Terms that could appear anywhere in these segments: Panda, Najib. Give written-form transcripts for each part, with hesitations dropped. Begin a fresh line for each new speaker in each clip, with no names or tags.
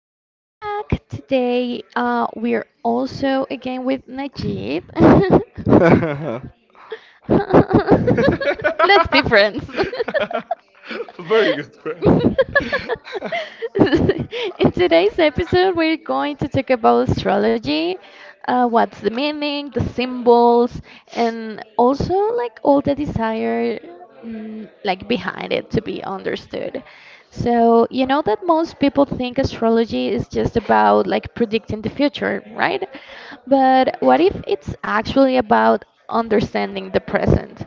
welcome back. Today we're also again with Najib.
Very
Let's be friends.
good friends.
In today's episode, we're going to talk about astrology, what's the meaning, the symbols, and also like all the desire like behind it to be understood. So, you know that most people think astrology is just about like predicting the future, right? But what if it's actually about understanding the present?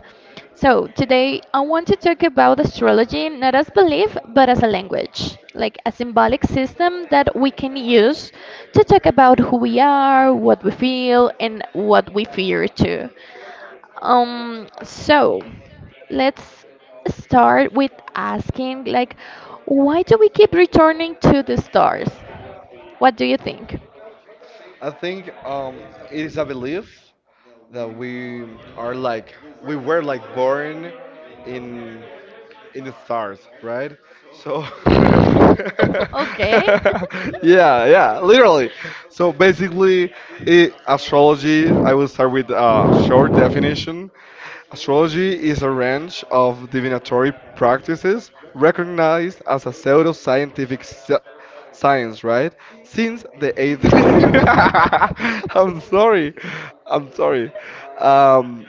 So, today I want to talk about astrology not as belief but as a language, like a symbolic system that we can use to talk about who we are, what we feel, and what we fear too. So let's start with asking like why do we keep returning to the stars? What do you think?
I think it is a belief that we are like we were like born in in the stars, right? So,
Right? So okay.
yeah, yeah, literally. So basically, I astrology, I will start with a short definition. Astrology is a range of divinatory practices recognized as a pseudo-scientific science, right? Since the 8th. I'm sorry. I'm sorry. Um,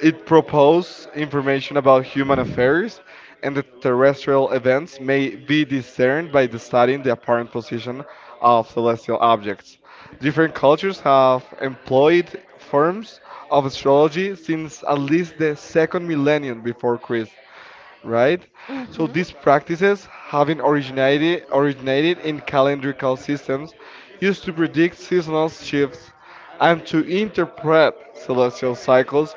it proposes information about human affairs and the terrestrial events may be discerned by the studying the apparent position of celestial objects. Different cultures have employed forms of astrology since at least the second millennium before Christ, right? So
Mhm.
these practices, having originated in calendrical systems, used to predict seasonal shifts and to interpret celestial cycles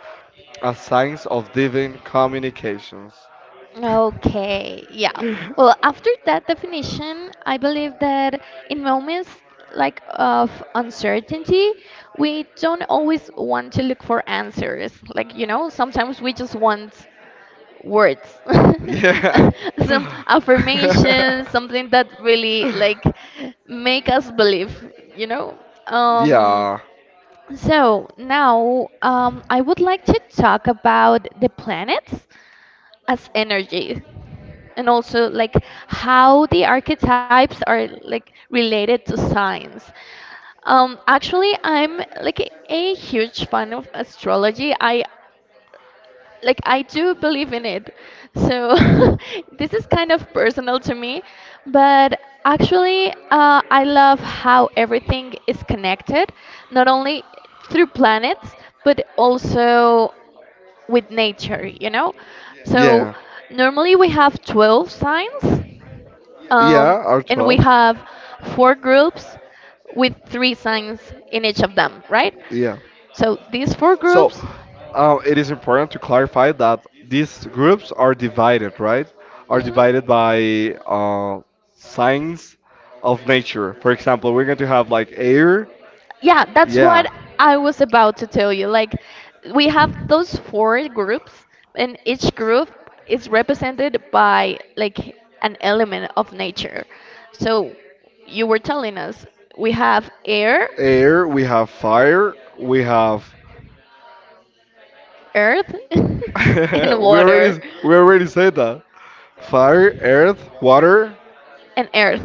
as signs of divine communications.
Okay. Yeah. Well, after that definition, I believe that in moments like of uncertainty, we don't always want to look for answers. Like, sometimes we just want words.
Yeah.
Some affirmations, something that really like make us believe, you know. Um,
yeah.
so now I would like to talk about the planets as energy, and also like how the archetypes are like related to science. Actually, I'm like a huge fan of astrology. I Like, I do believe in it. So this is kind of personal to me, but actually I love how everything is connected, not only through planets but also with nature, you know?
yeah.
So normally we have 12 signs
Yeah,
um, and
R12.
we have four groups with three signs in each of them, right?
Yeah.
So these four
So,
groups.
it is important to clarify that these groups are divided, right? Are divided by signs of nature. For example, we're going to have like air.
Yeah, that's
Yeah.
what I was about to tell you. Like, we have those four groups, and each group is represented by like an element of nature. So, you were telling us we have air,
Air. We have fire. We have.
earth, and
we
water,
already we already said that. Fire, earth, water.
and earth.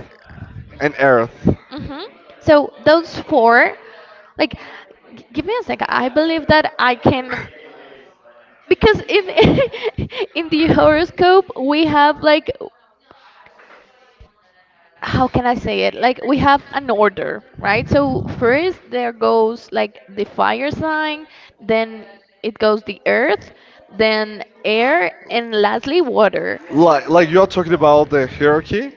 And Earth.
Hmm. So, those four, like, give me a second. I believe that I can because in in the horoscope we have like, how can I say it? Like, we have an order, right? So first there goes like the fire sign, then it goes the earth, then air, and lastly water.
Like you are talking about the hierarchy?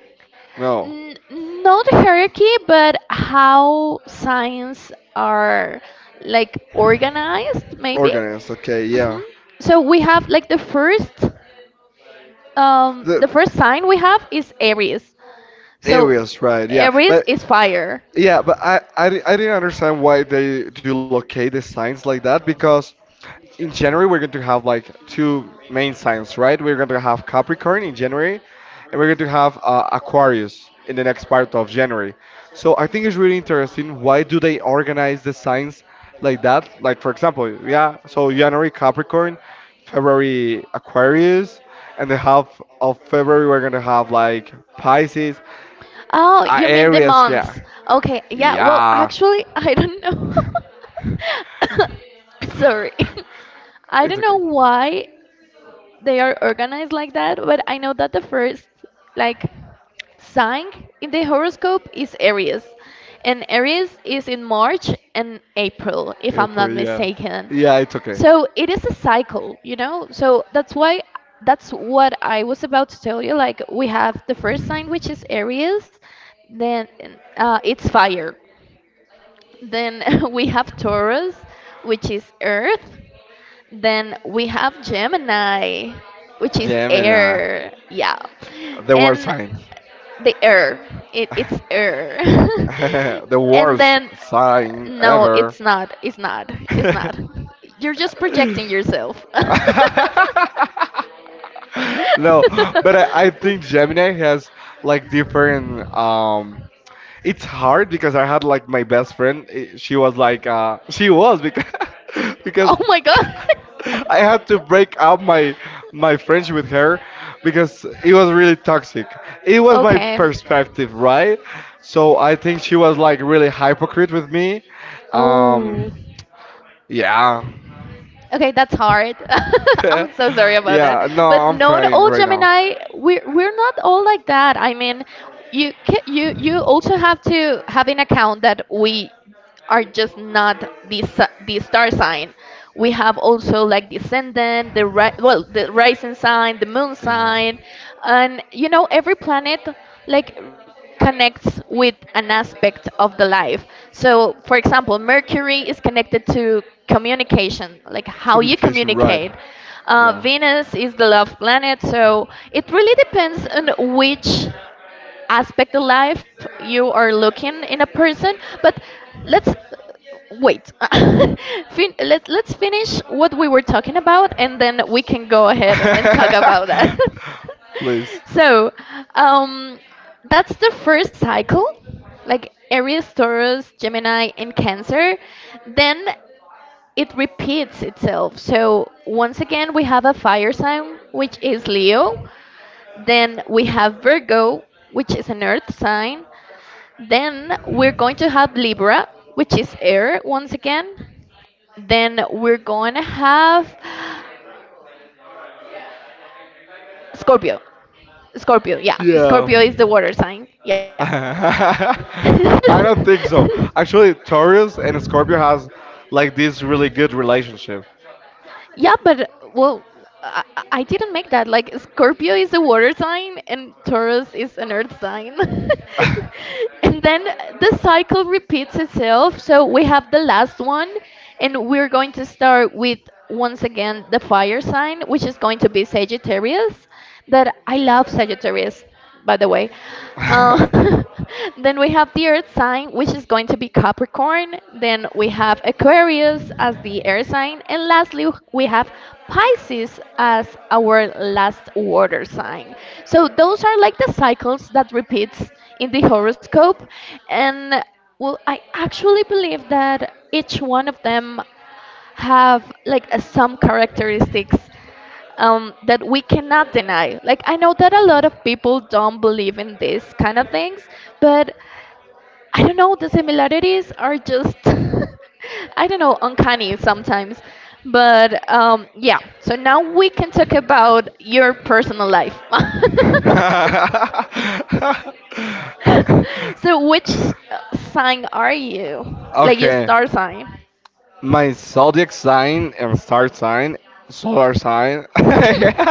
No.
Not hierarchy, but how signs are like organized, maybe.
Organized, okay, yeah.
Hmm. So we have like the first, um,
The
the first sign we have is Aries. So
areas, right?
Aries is fire.
Yeah, but I I didn't understand why they do locate the signs like that because in January we're going to have like two main signs, right? We're going to have Capricorn in January, and we're going to have Aquarius in the next part of January. So I think it's really interesting. Why do they organize the signs like that? Like for example, yeah, so January Capricorn, February Aquarius, and the half of February we're going to have like Pisces.
Oh, you mean the
Areas, yeah.
months. Okay, yeah, well,
Yeah.
actually, I don't know. Sorry. I
It's
don't know
okay.
why they are organized like that, but I know that the first, like, sign in the horoscope is Aries, and Aries is in March and April, if I'm
Airport,
not
yeah.
mistaken.
Yeah, it's okay.
So it is a cycle, you know? So that's what I was about to tell you. Like, we have the first sign, which is Aries, then it's fire. Then we have Taurus, which is earth. Then we have Gemini, which is
Gemini,
air. Yeah.
the worst
And
sign,
the air. It's air.
the worst sign
No,
ever.
it's not. It's not. It's not. You're just projecting yourself.
No, but I think Gemini has like different it's hard because I had like my best friend she was like she was because
Oh
because
my god.
I had to break up my friendship with her because it was really toxic. It was my
Okay.
perspective, right? So I think she was like really hypocrite with me.
Oh.
Um yeah.
Okay, that's hard. I'm so sorry about that.
yeah, no,
But
I'm
not
crying
all
right now.
Gemini. We're not all like that. I mean, you ca you you also have to have in account that we are just not the star sign. We have also like descendant, the rising sign, the moon
Yeah.
sign, and every planet like connects with an aspect of the life. So, for example, Mercury is connected to communication, like how you
Communication, right.
communicate.
Yeah.
Venus is the love planet, so it really depends on which aspect of life you are looking in a person. But let's wait. Let's finish what we were talking about, and then we can go ahead and talk about that.
Please.
So, um that's the first cycle, like Aries, Taurus, Gemini, and Cancer. Then it repeats itself, so once again we have a fire sign, which is Leo. Then we have Virgo, which is an earth sign. Then we're going to have Libra, which is air once again. Then we're going to have Scorpio. Scorpio, yeah.
Yeah.
Scorpio is the water sign. Yeah.
I don't think so. Actually, Taurus and Scorpio has like this really good relationship.
Yeah, but well, I didn't make that. Like, Scorpio is a water sign and Taurus is an earth sign. And then the cycle repeats itself. So we have the last one, and we're going to start with once again the fire sign, which is going to be Sagittarius. That I love Sagittarius, by the way. Uh, then we have the earth sign, which is going to be Capricorn. Then we have Aquarius as the air sign. And lastly, we have Pisces as our last water sign. So those are like the cycles that repeats in the horoscope. And well, I actually believe that each one of them have like some characteristics that we cannot deny. Like, I know that a lot of people don't believe in these kind of things, but I don't know, the similarities are just, I don't know, uncanny sometimes. But yeah, so now we can talk about your personal life. So, which sign are you? Like, your
okay.
star sign?
My zodiac sign and star sign, solar sign.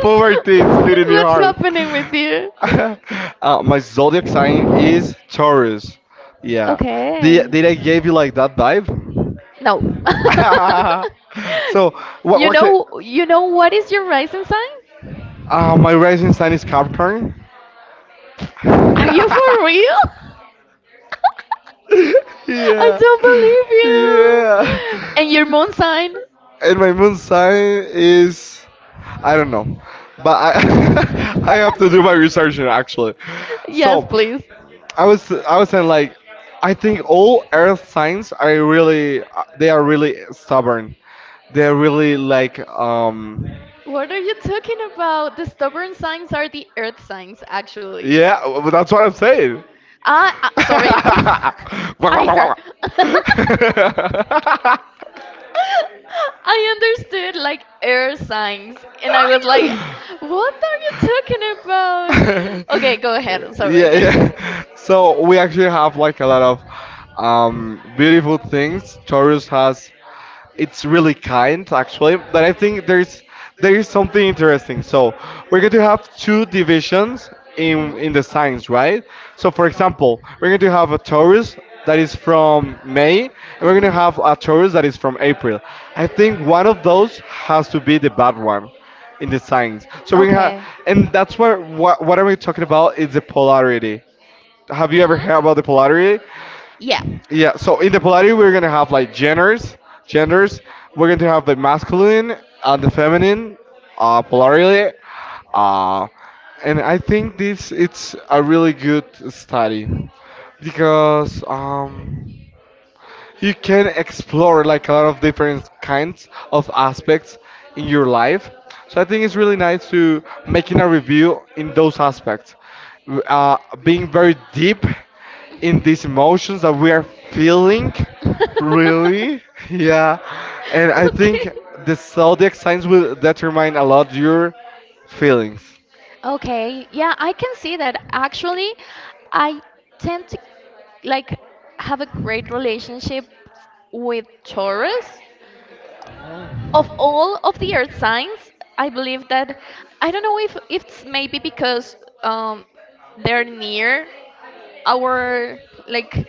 Poverty, it's killing your
What's
heart.
happening with you?
My zodiac sign is Taurus. Yeah.
Okay.
Did I give you like that vibe?
No.
so what
you
what can,
know you know what is your rising sign?
my rising sign is Capricorn.
Are you for real? I
yeah.
don't believe
Yeah.
you. And your moon sign?
And my moon sign is I don't know. But I I have to do my research now, actually.
Yes,
So
please.
I was saying like I think all earth signs are really they are really stubborn. They're really like
What are you talking about? The stubborn signs are the earth signs, actually.
yeah, well, that's what I'm saying.
Sorry.
Wah, wah, wah,
Her.
wah, wah.
I understood like air signs, and I was like, what are you talking about?
yeah,
Okay, go ahead. Sorry.
yeah. So we actually have like a lot of beautiful things. Taurus has it's really kind actually, but I think there is something interesting. So we're going to have two divisions in the signs, right? So for example, we're going to have a Taurus that is from May, and we're going to have a Taurus that is from April. I think one of those has to be the bad one in the signs. So we have, and that's what what are we talking about? Is the polarity. Have you ever heard about the polarity?
Yeah.
Yeah. So in the polarity, we're gonna have like genders. We're going to have the masculine and the feminine polarity. Uh, and I think this it's a really good study because you can explore like a lot of different kinds of aspects in your life. So I think it's really nice to making a review in those aspects, uh, being very deep in these emotions that we are feeling. Really, yeah, and I think the zodiac signs will determine a lot your feelings.
Okay, yeah, I can see that. Actually, I tend to like have a great relationship with Taurus. Of all of the earth signs, I believe that I don't know if it's maybe because um they're near our like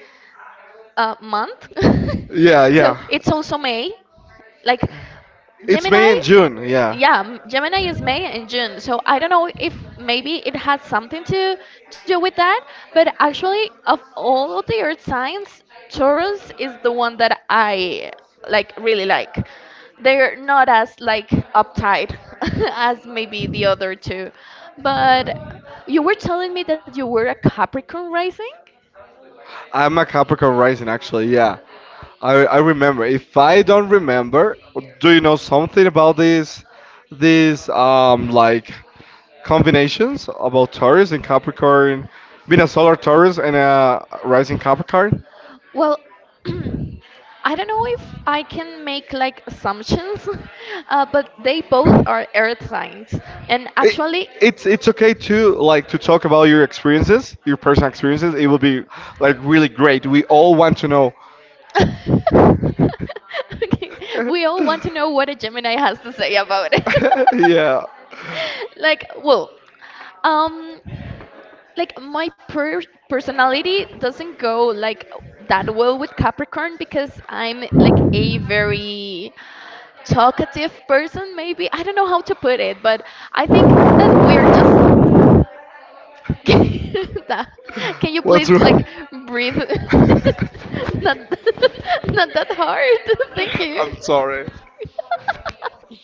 month.
Yeah,
So
yeah.
it's also May. Like,
It's
Gemini,
May and June. Yeah.
yeah, Gemini is May and June. So I don't know if maybe it has something to do with that, but actually, of all of the earth signs, Taurus is the one that I like really like. They're not as like uptight as maybe the other two. But you were telling me that you were a Capricorn rising?
I'm a Capricorn rising, actually. Yeah, I remember. If I don't remember, do you know something about these like combinations about Taurus and Capricorn, being a solar Taurus and a rising Capricorn?
Well, I don't know if I can make like assumptions, but they both are earth signs. And
It,
actually,
it's okay to like to talk about your experiences, your personal experiences. It will be like really great. We all want to
okay,
know.
we all want to know what a Gemini has to say about it.
yeah.
Like, well, um, like my personality doesn't go like that well with Capricorn because I'm like a very talkative person maybe. I don't know how to put it, but I think that we are just that. Can you
What's
please like
wrong?
breathe not not that hard. Thank you.
I'm sorry.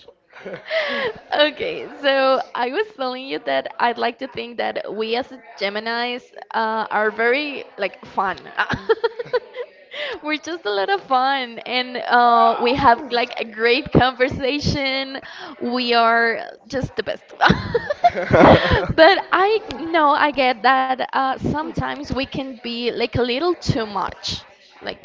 Okay, so I was telling you that I'd like to think that we as Geminis are very like fun. We're just a lot of fun, and we have like a great conversation. We are just the best. But I know I get that sometimes we can be like a little too much like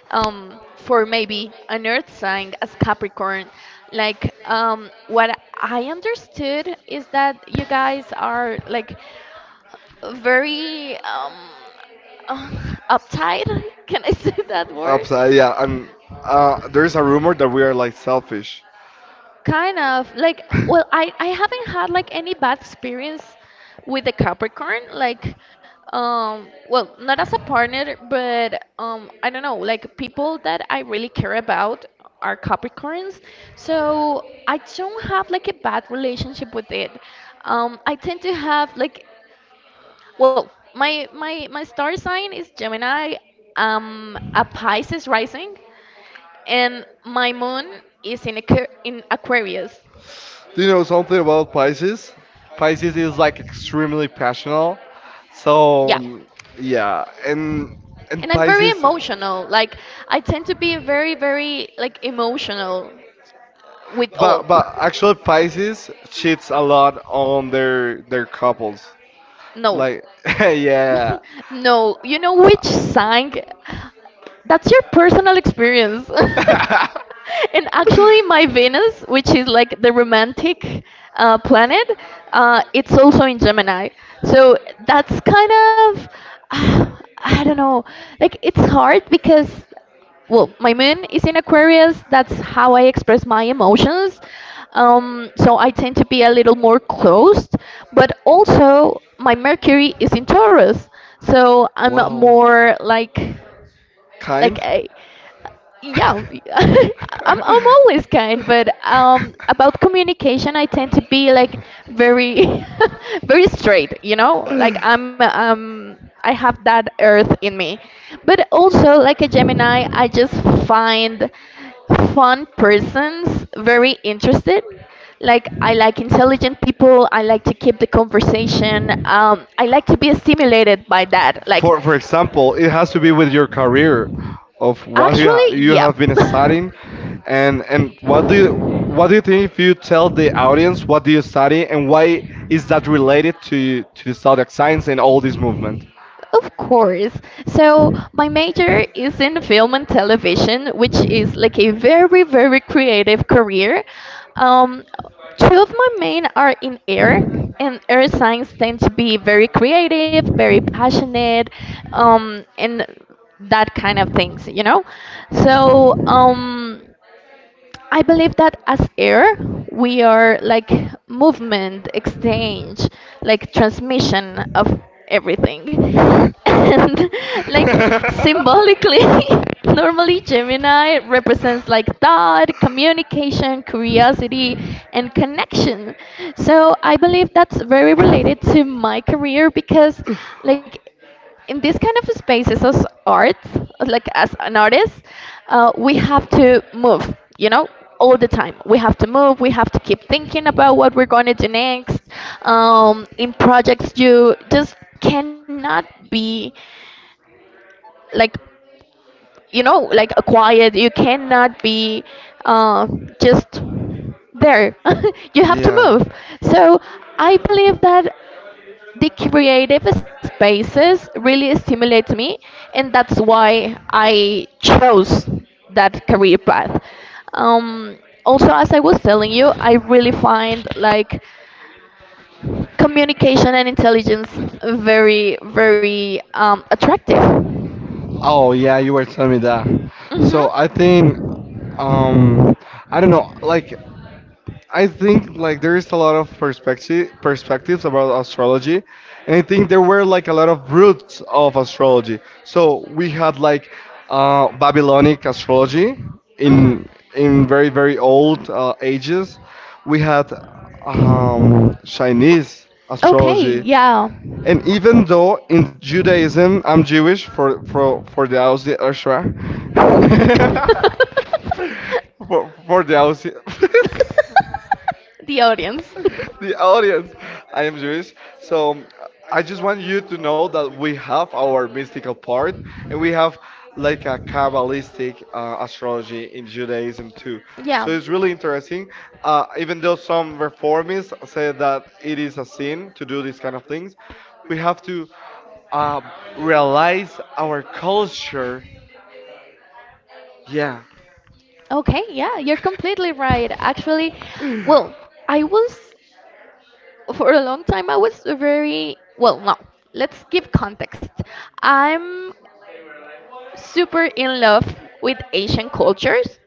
for maybe an earth sign as Capricorn, like what I understood is that you guys are like very uh, uptight. Can I say that word?
Upside, yeah. And there is a rumor that we are like selfish.
Kind of like,
Do
well, I haven't had like any bad experience with the Capricorn. Like, well, not as a partner, but I don't know. Like, people that I really care about are Capricorns, so I don't have like a bad relationship with it. I tend to have like, well, my star sign is Gemini. A Pisces rising, and my moon is in Aquarius.
you know something about Pisces? Pisces is like extremely passionate. So
Yeah.
yeah, and
And I'm very
Pisces.
emotional. Like, I tend to be very, very like emotional with
But actually Pisces cheats a lot on their couples.
no,
Like yeah.
no. You know which sign? That's your personal experience. And actually, my Venus, which is like the romantic planet, it's also in Gemini. So that's kind of I don't know. Like, it's hard because well my moon is in Aquarius. That's how I express my emotions, so I tend to be a little more closed, but also my Mercury is in Taurus, so I'm
wow.
more like like
Kind?
a, yeah, I'm always kind. But about communication, I tend to be like very very straight, you know? Like, I have that earth in me. But also like a Gemini, I just find fun persons very interested. Like, I like intelligent people, I like to keep the conversation. I like to be stimulated by that. Like,
For example, it has to be with your career, of what
actually,
you
yeah.
have been studying, and what do you think if you tell the audience what do you study and why is that related to the zodiac science and all this movement?
Of course. So, my major is in film and television, which is like a very, very creative career. Um, two of my main are in air, and air science tend to be very creative, very passionate, and that kind of things, you know? So, I believe that as air, we are like movement, exchange, like transmission of everything. And, like, symbolically, normally Gemini represents like thought, communication, curiosity, and connection. So I believe that's very related to my career, because, like, in this kind of spaces as arts, like as an artist, we have to move, all the time. We have to move. We have to keep thinking about what we're going to do next. In projects, you just cannot be, like, like a quiet. You cannot be uh, just there. You have to
Yeah.
move. So I believe that the creative spaces really stimulate me, and that's why I chose that career path. Um, also, as I was telling you, I really find like communication and intelligence very, very attractive.
Oh yeah, you were telling me that. So I
Mm-hmm.
think um I don't know, like I think like there is a lot of perspectives about astrology, and I think there were like a lot of roots of astrology. So we had like Babylonic astrology
Mm-hmm.
in in very very old ages. We had Chinese
Okay,
astrology,
yeah.
and even though in Judaism I'm Jewish for for the Aussie Ashra. For the Aussie.
The audience.
the audience. I am Jewish, so I just want you to know that we have our mystical part, and we have like a Kabbalistic astrology in Judaism too. So it's really interesting. Even though some reformists say that it is a sin to do these kind of things, we have to uh, realize our culture. Yeah.
Okay, yeah, you're completely right. Actually, well, I was for a long time I was very, well, no, let's give context. I'm super in love with Asian cultures,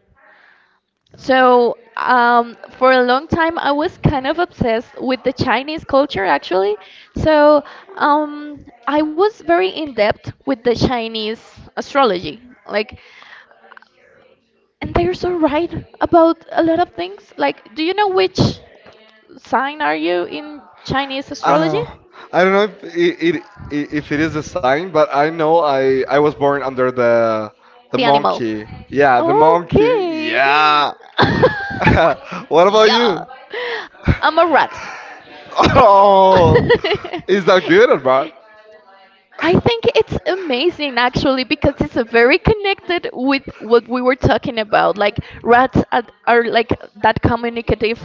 so for a long time I was kind of obsessed with the Chinese culture, actually. So, I was very in depth with the Chinese astrology, like, and they're so right about a lot of things. Like, do you know which sign are you in Chinese astrology?
Uh, I don't know if it if it is a sign, but I know I was born under
The
the
animal.
monkey. Yeah, the monkey.
Yay!
Yeah. What about you?
Uh, I'm a rat.
Oh, is
I
that good or bad?
think it's amazing, actually, because it's very connected with what we were talking about. Like rats are like that communicative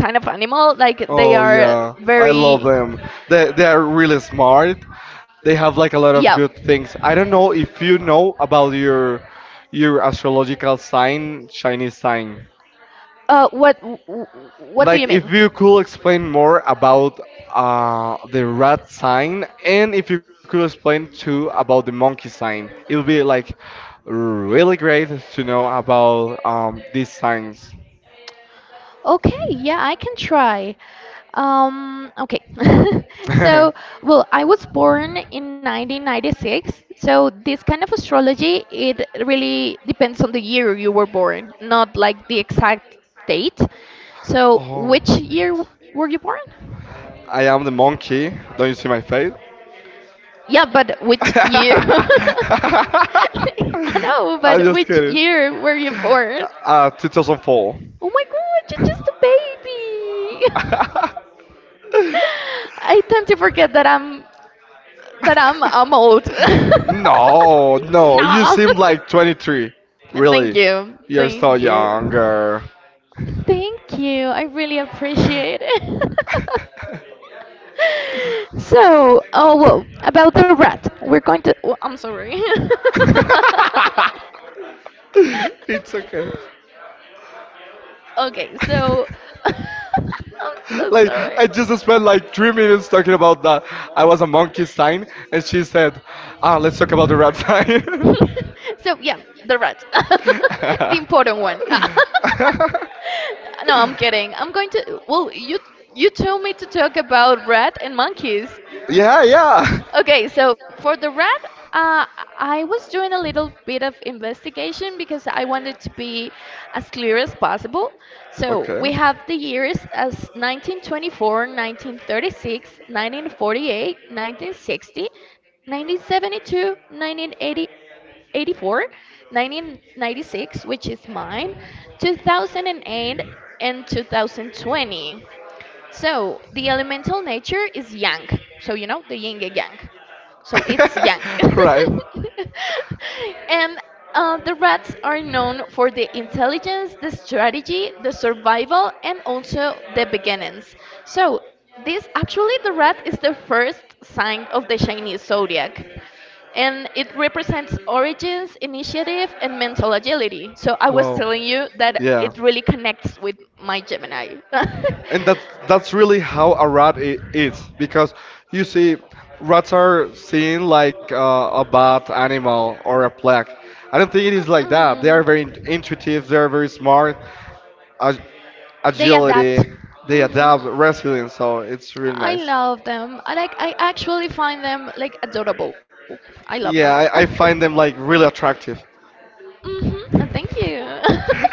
kind of animal. Like, they
Oh
are
yeah, I love
very
them. They are really smart. They have like a lot of good things. I don't know if you know about your astrological sign, Chinese sign.
what?
Like, if you could explain more about the rat sign, and if you could explain too about the monkey sign, it would be like really great to know about these signs.
Okay, yeah, I can try. Okay. So, well, I was born in 1996. So, this kind of astrology, it really depends on the year you were born, not like the exact date. So,
oh,
which year were you born?
I am the monkey. Don't you see my face?
Yeah, but I know, but
I'm
which
just kidding.
year were you born?
2004.
Oh my god, you're just a baby. I tend to forget that I'm old.
no, no,
Oh,
you seem like 23.
thank you.
Really,
Thank
you're
you.
so younger.
Thank you. I really appreciate it. So, oh, whoa, about the rat. We're going to. Oh, I'm sorry.
it's okay.
Okay, so.
Like I just spent like 3 minutes talking about that. I was a monkey sign, and she said, "Ah, let's talk about the rat sign."
So, yeah, the rat. The important one. No, I'm kidding. I'm going to. Well, you told me to talk about rat and monkeys.
yeah, yeah.
Okay, so for the rat, I was doing a little bit of investigation because I wanted to be as clear as possible. So we
Okay.
have the years as 1924, 1936, 1948, 1960, 1972, 1980, 1996, which is mine, 2008, and 2020. So the elemental nature is yang. So you know the yin and yang. So it's yang.
right.
And the rats are known for the intelligence, the strategy, the survival, and also the beginnings. So this, actually, the rat is the first sign of the Chinese zodiac. And it represents origins, initiative, and mental agility. So I was
Wow.
telling you that
Yeah.
it really connects with my Gemini.
And that's really how a rat is because you see rats are seen like a bad animal or a plague. I don't think it is like that. They are very intuitive, they are very smart, ag-
They ad-
agility, they
hmm.
adapt, resilience, so it's really
I
nice.
love them. I actually find them like adorable. I love them.
Yeah, I find them like really attractive.
And thank you.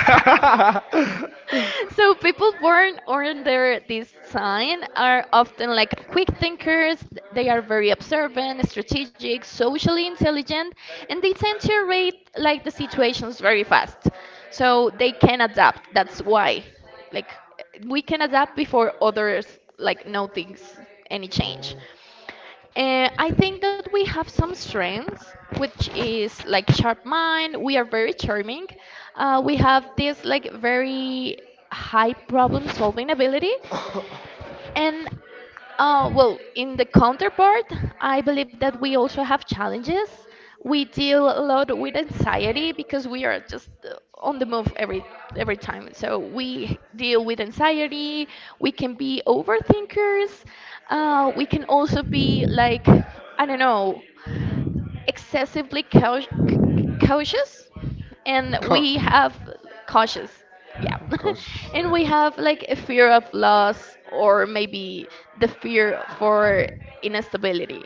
So people born under this sign are often like quick thinkers. They are very observant, strategic, socially intelligent, and they tend to rate like the situations very fast. So they can adapt. That's why, like, we can adapt before others like notice any change. I think that we have some strengths, which is like sharp mind. We are very charming. We have this like very high problem solving ability. And well, in the counterpart, I believe that we also have challenges. We deal a lot with anxiety because we are just on the move every time. So we deal with anxiety. We can be overthinkers. We can also be like, I don't know, excessively cautious, and we have cautious, yeah.
Cause.
And we have like a fear of loss, or maybe the fear for instability.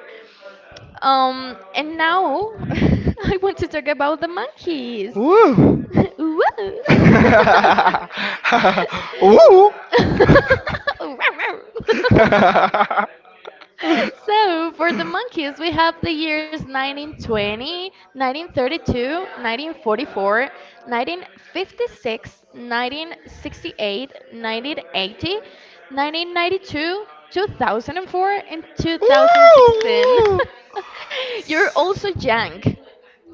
And now, I want to talk about the monkeys.
Woo!
Woo.
Woo! Woo!
Rawr, rawr. So for the monkeys, we have the years 1920, 1932, 1944, 1956, 1968, 1980, 1992, 2004, and 2016. You're also young.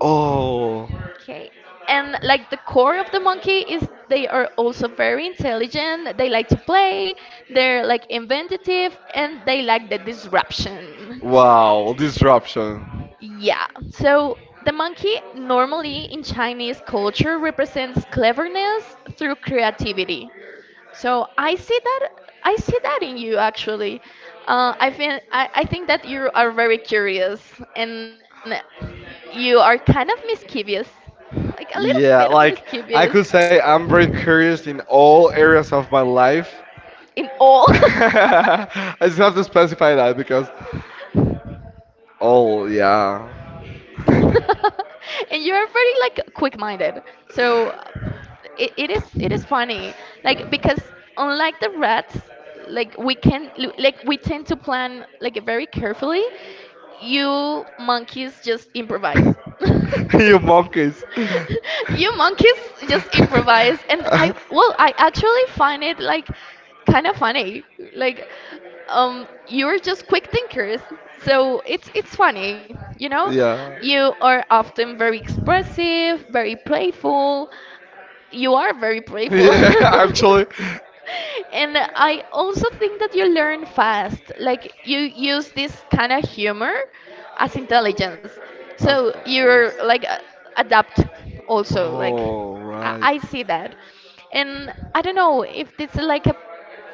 Oh,
Okay. And like the core of the monkey is they are also very intelligent. They like to play. They're like inventive and they like the disruption.
wow, disruption.
Yeah, so the monkey normally in Chinese culture represents cleverness through creativity. So I see that in you, actually. I feel I think that you are very curious, and you are kind of mischievous, like a little bit of
Yeah, like I could say I'm very curious in all areas of my life.
in all.
I just have to specify that because Oh yeah.
And you're very like quick-minded. So it is funny. Like, because unlike the rats, like we can like we tend to plan like very carefully. You monkeys just improvise.
you monkeys.
You monkeys just improvise, and I, well, I actually find it like kind of funny, like, you're just quick thinkers. So it's funny.
yeah.
You are often very expressive, very playful. You are very playful.
Yeah, actually.
And I also think that you learn fast. Like, you use this kind of humor as intelligence.
As
So
parents.
you're like adapt also. Like
Oh,
I,
right.
I see that. And I don't know if this is like a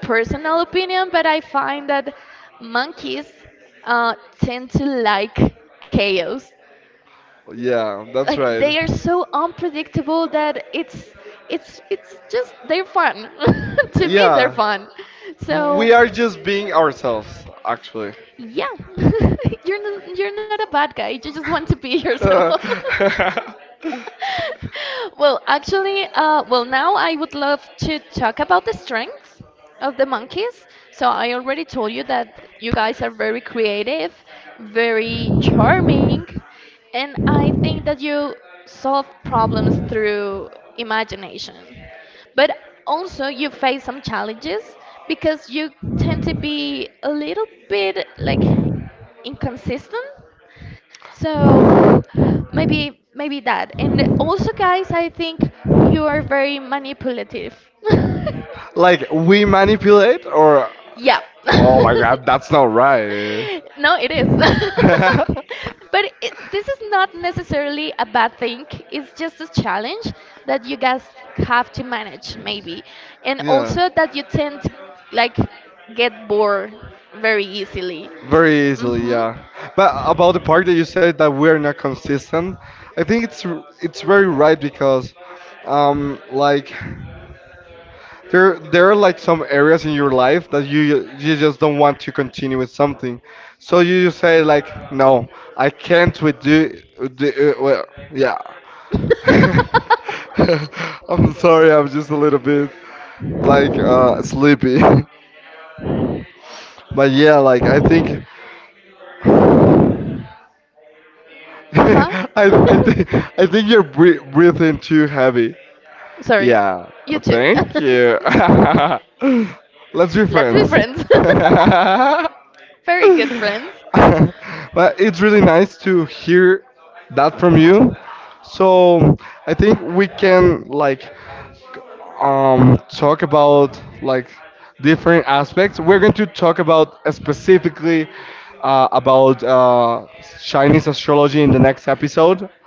personal opinion, but I find that monkeys tend to like chaos.
Yeah, that's
Like they
right.
are so unpredictable that it's just they're fun. To me, they're
Yeah.
fun. So
We are just being ourselves, actually.
yeah, you're not a bad guy. You just want to be yourself. Well, actually, well, now I would love to talk about the strengths of the monkeys. So I already told you that you guys are very creative, very charming, and I think that you solve problems through imagination. But also, you face some challenges because you tend to be a little bit like inconsistent, so maybe that. And also, guys, I think you are very manipulative.
like we manipulate or
Yeah.
oh my god that's not right
No, it is. But this is not necessarily a bad thing. It's just a challenge that you guys have to manage, maybe. And
yeah
also that you tend to like get bored very easily.
very easily
Mm-hmm.
yeah but about the part that you said that we're not consistent I think it's very right because like there are like some areas in your life that you just don't want to continue with something, so you just say like, no, I can't with do well, yeah. I'm sorry, I'm just a little bit like sleepy, but yeah, like I think
Uh-huh.
I I think I think you're breathing too heavy.
Sorry.
Yeah,
You too.
thank you. Let's be
Let's be
friends.
friends. Very good friends.
but it's really nice to hear that from you. So I think we can like talk about like different aspects. We're going to talk about specifically about Chinese astrology in the next episode.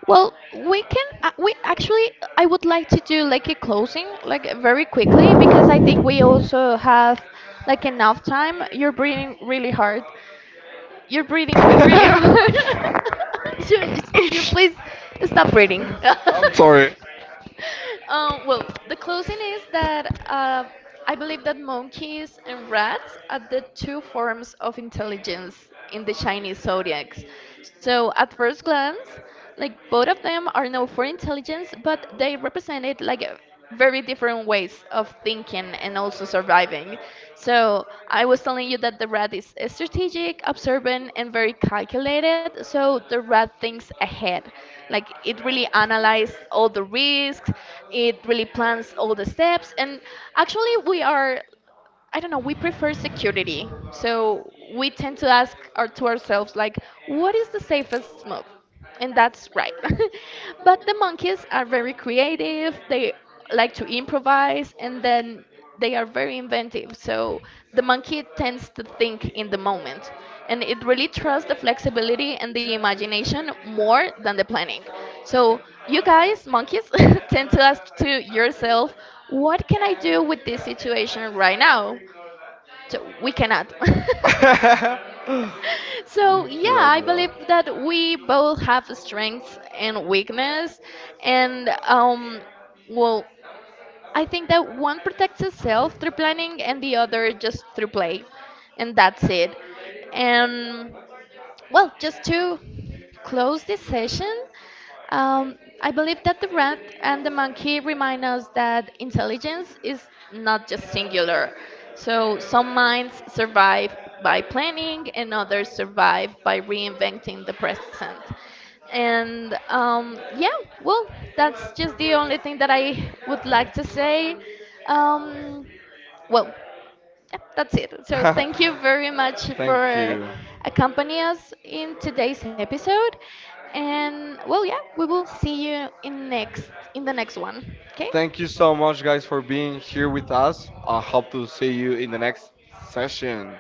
Well, we can. I would like to do like a closing, like very quickly, because I think we also have like enough time. You're breathing really hard. You're breathing really hard. you, you, you please stop breathing.
I'm sorry.
Well, the closing is that I believe that monkeys and rats are the two forms of intelligence in the Chinese zodiacs. So, at first glance, like both of them are known for intelligence, but they represented like a very different ways of thinking and also surviving. So I was telling you that the rat is strategic, observant, and very calculated. So the rat thinks ahead, like it really analyzes all the risks, it really plans all the steps, and actually we are. I don't know, we prefer security. So we tend to ask to ourselves, like, what is the safest move? And that's right. But the monkeys are very creative, they like to improvise, and then they are very inventive. So the monkey tends to think in the moment. And it really trusts the flexibility and the imagination more than the planning. So you guys, monkeys, tend to ask to yourself, what can I do with this situation right now? So we cannot. So yeah,
draw,
I
draw.
believe that we both have strengths and weakness, and well, I think that one protects itself through planning and the other just through play, and that's it. And well, just to close this session, I believe that the rat and the monkey remind us that intelligence is not just singular. So, some minds survive by planning, and others survive by reinventing the present. And yeah, well, that's just the only thing that I would like to say. Um, well, yep, that's it. So thank you very much
Thank
for
you.
accompanying us in today's episode. And well, yeah, we will see you in the next one. Okay?
Thank you so much, guys, for being here with us. I hope to see you in the next session.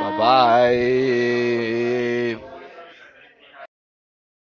Bye bye.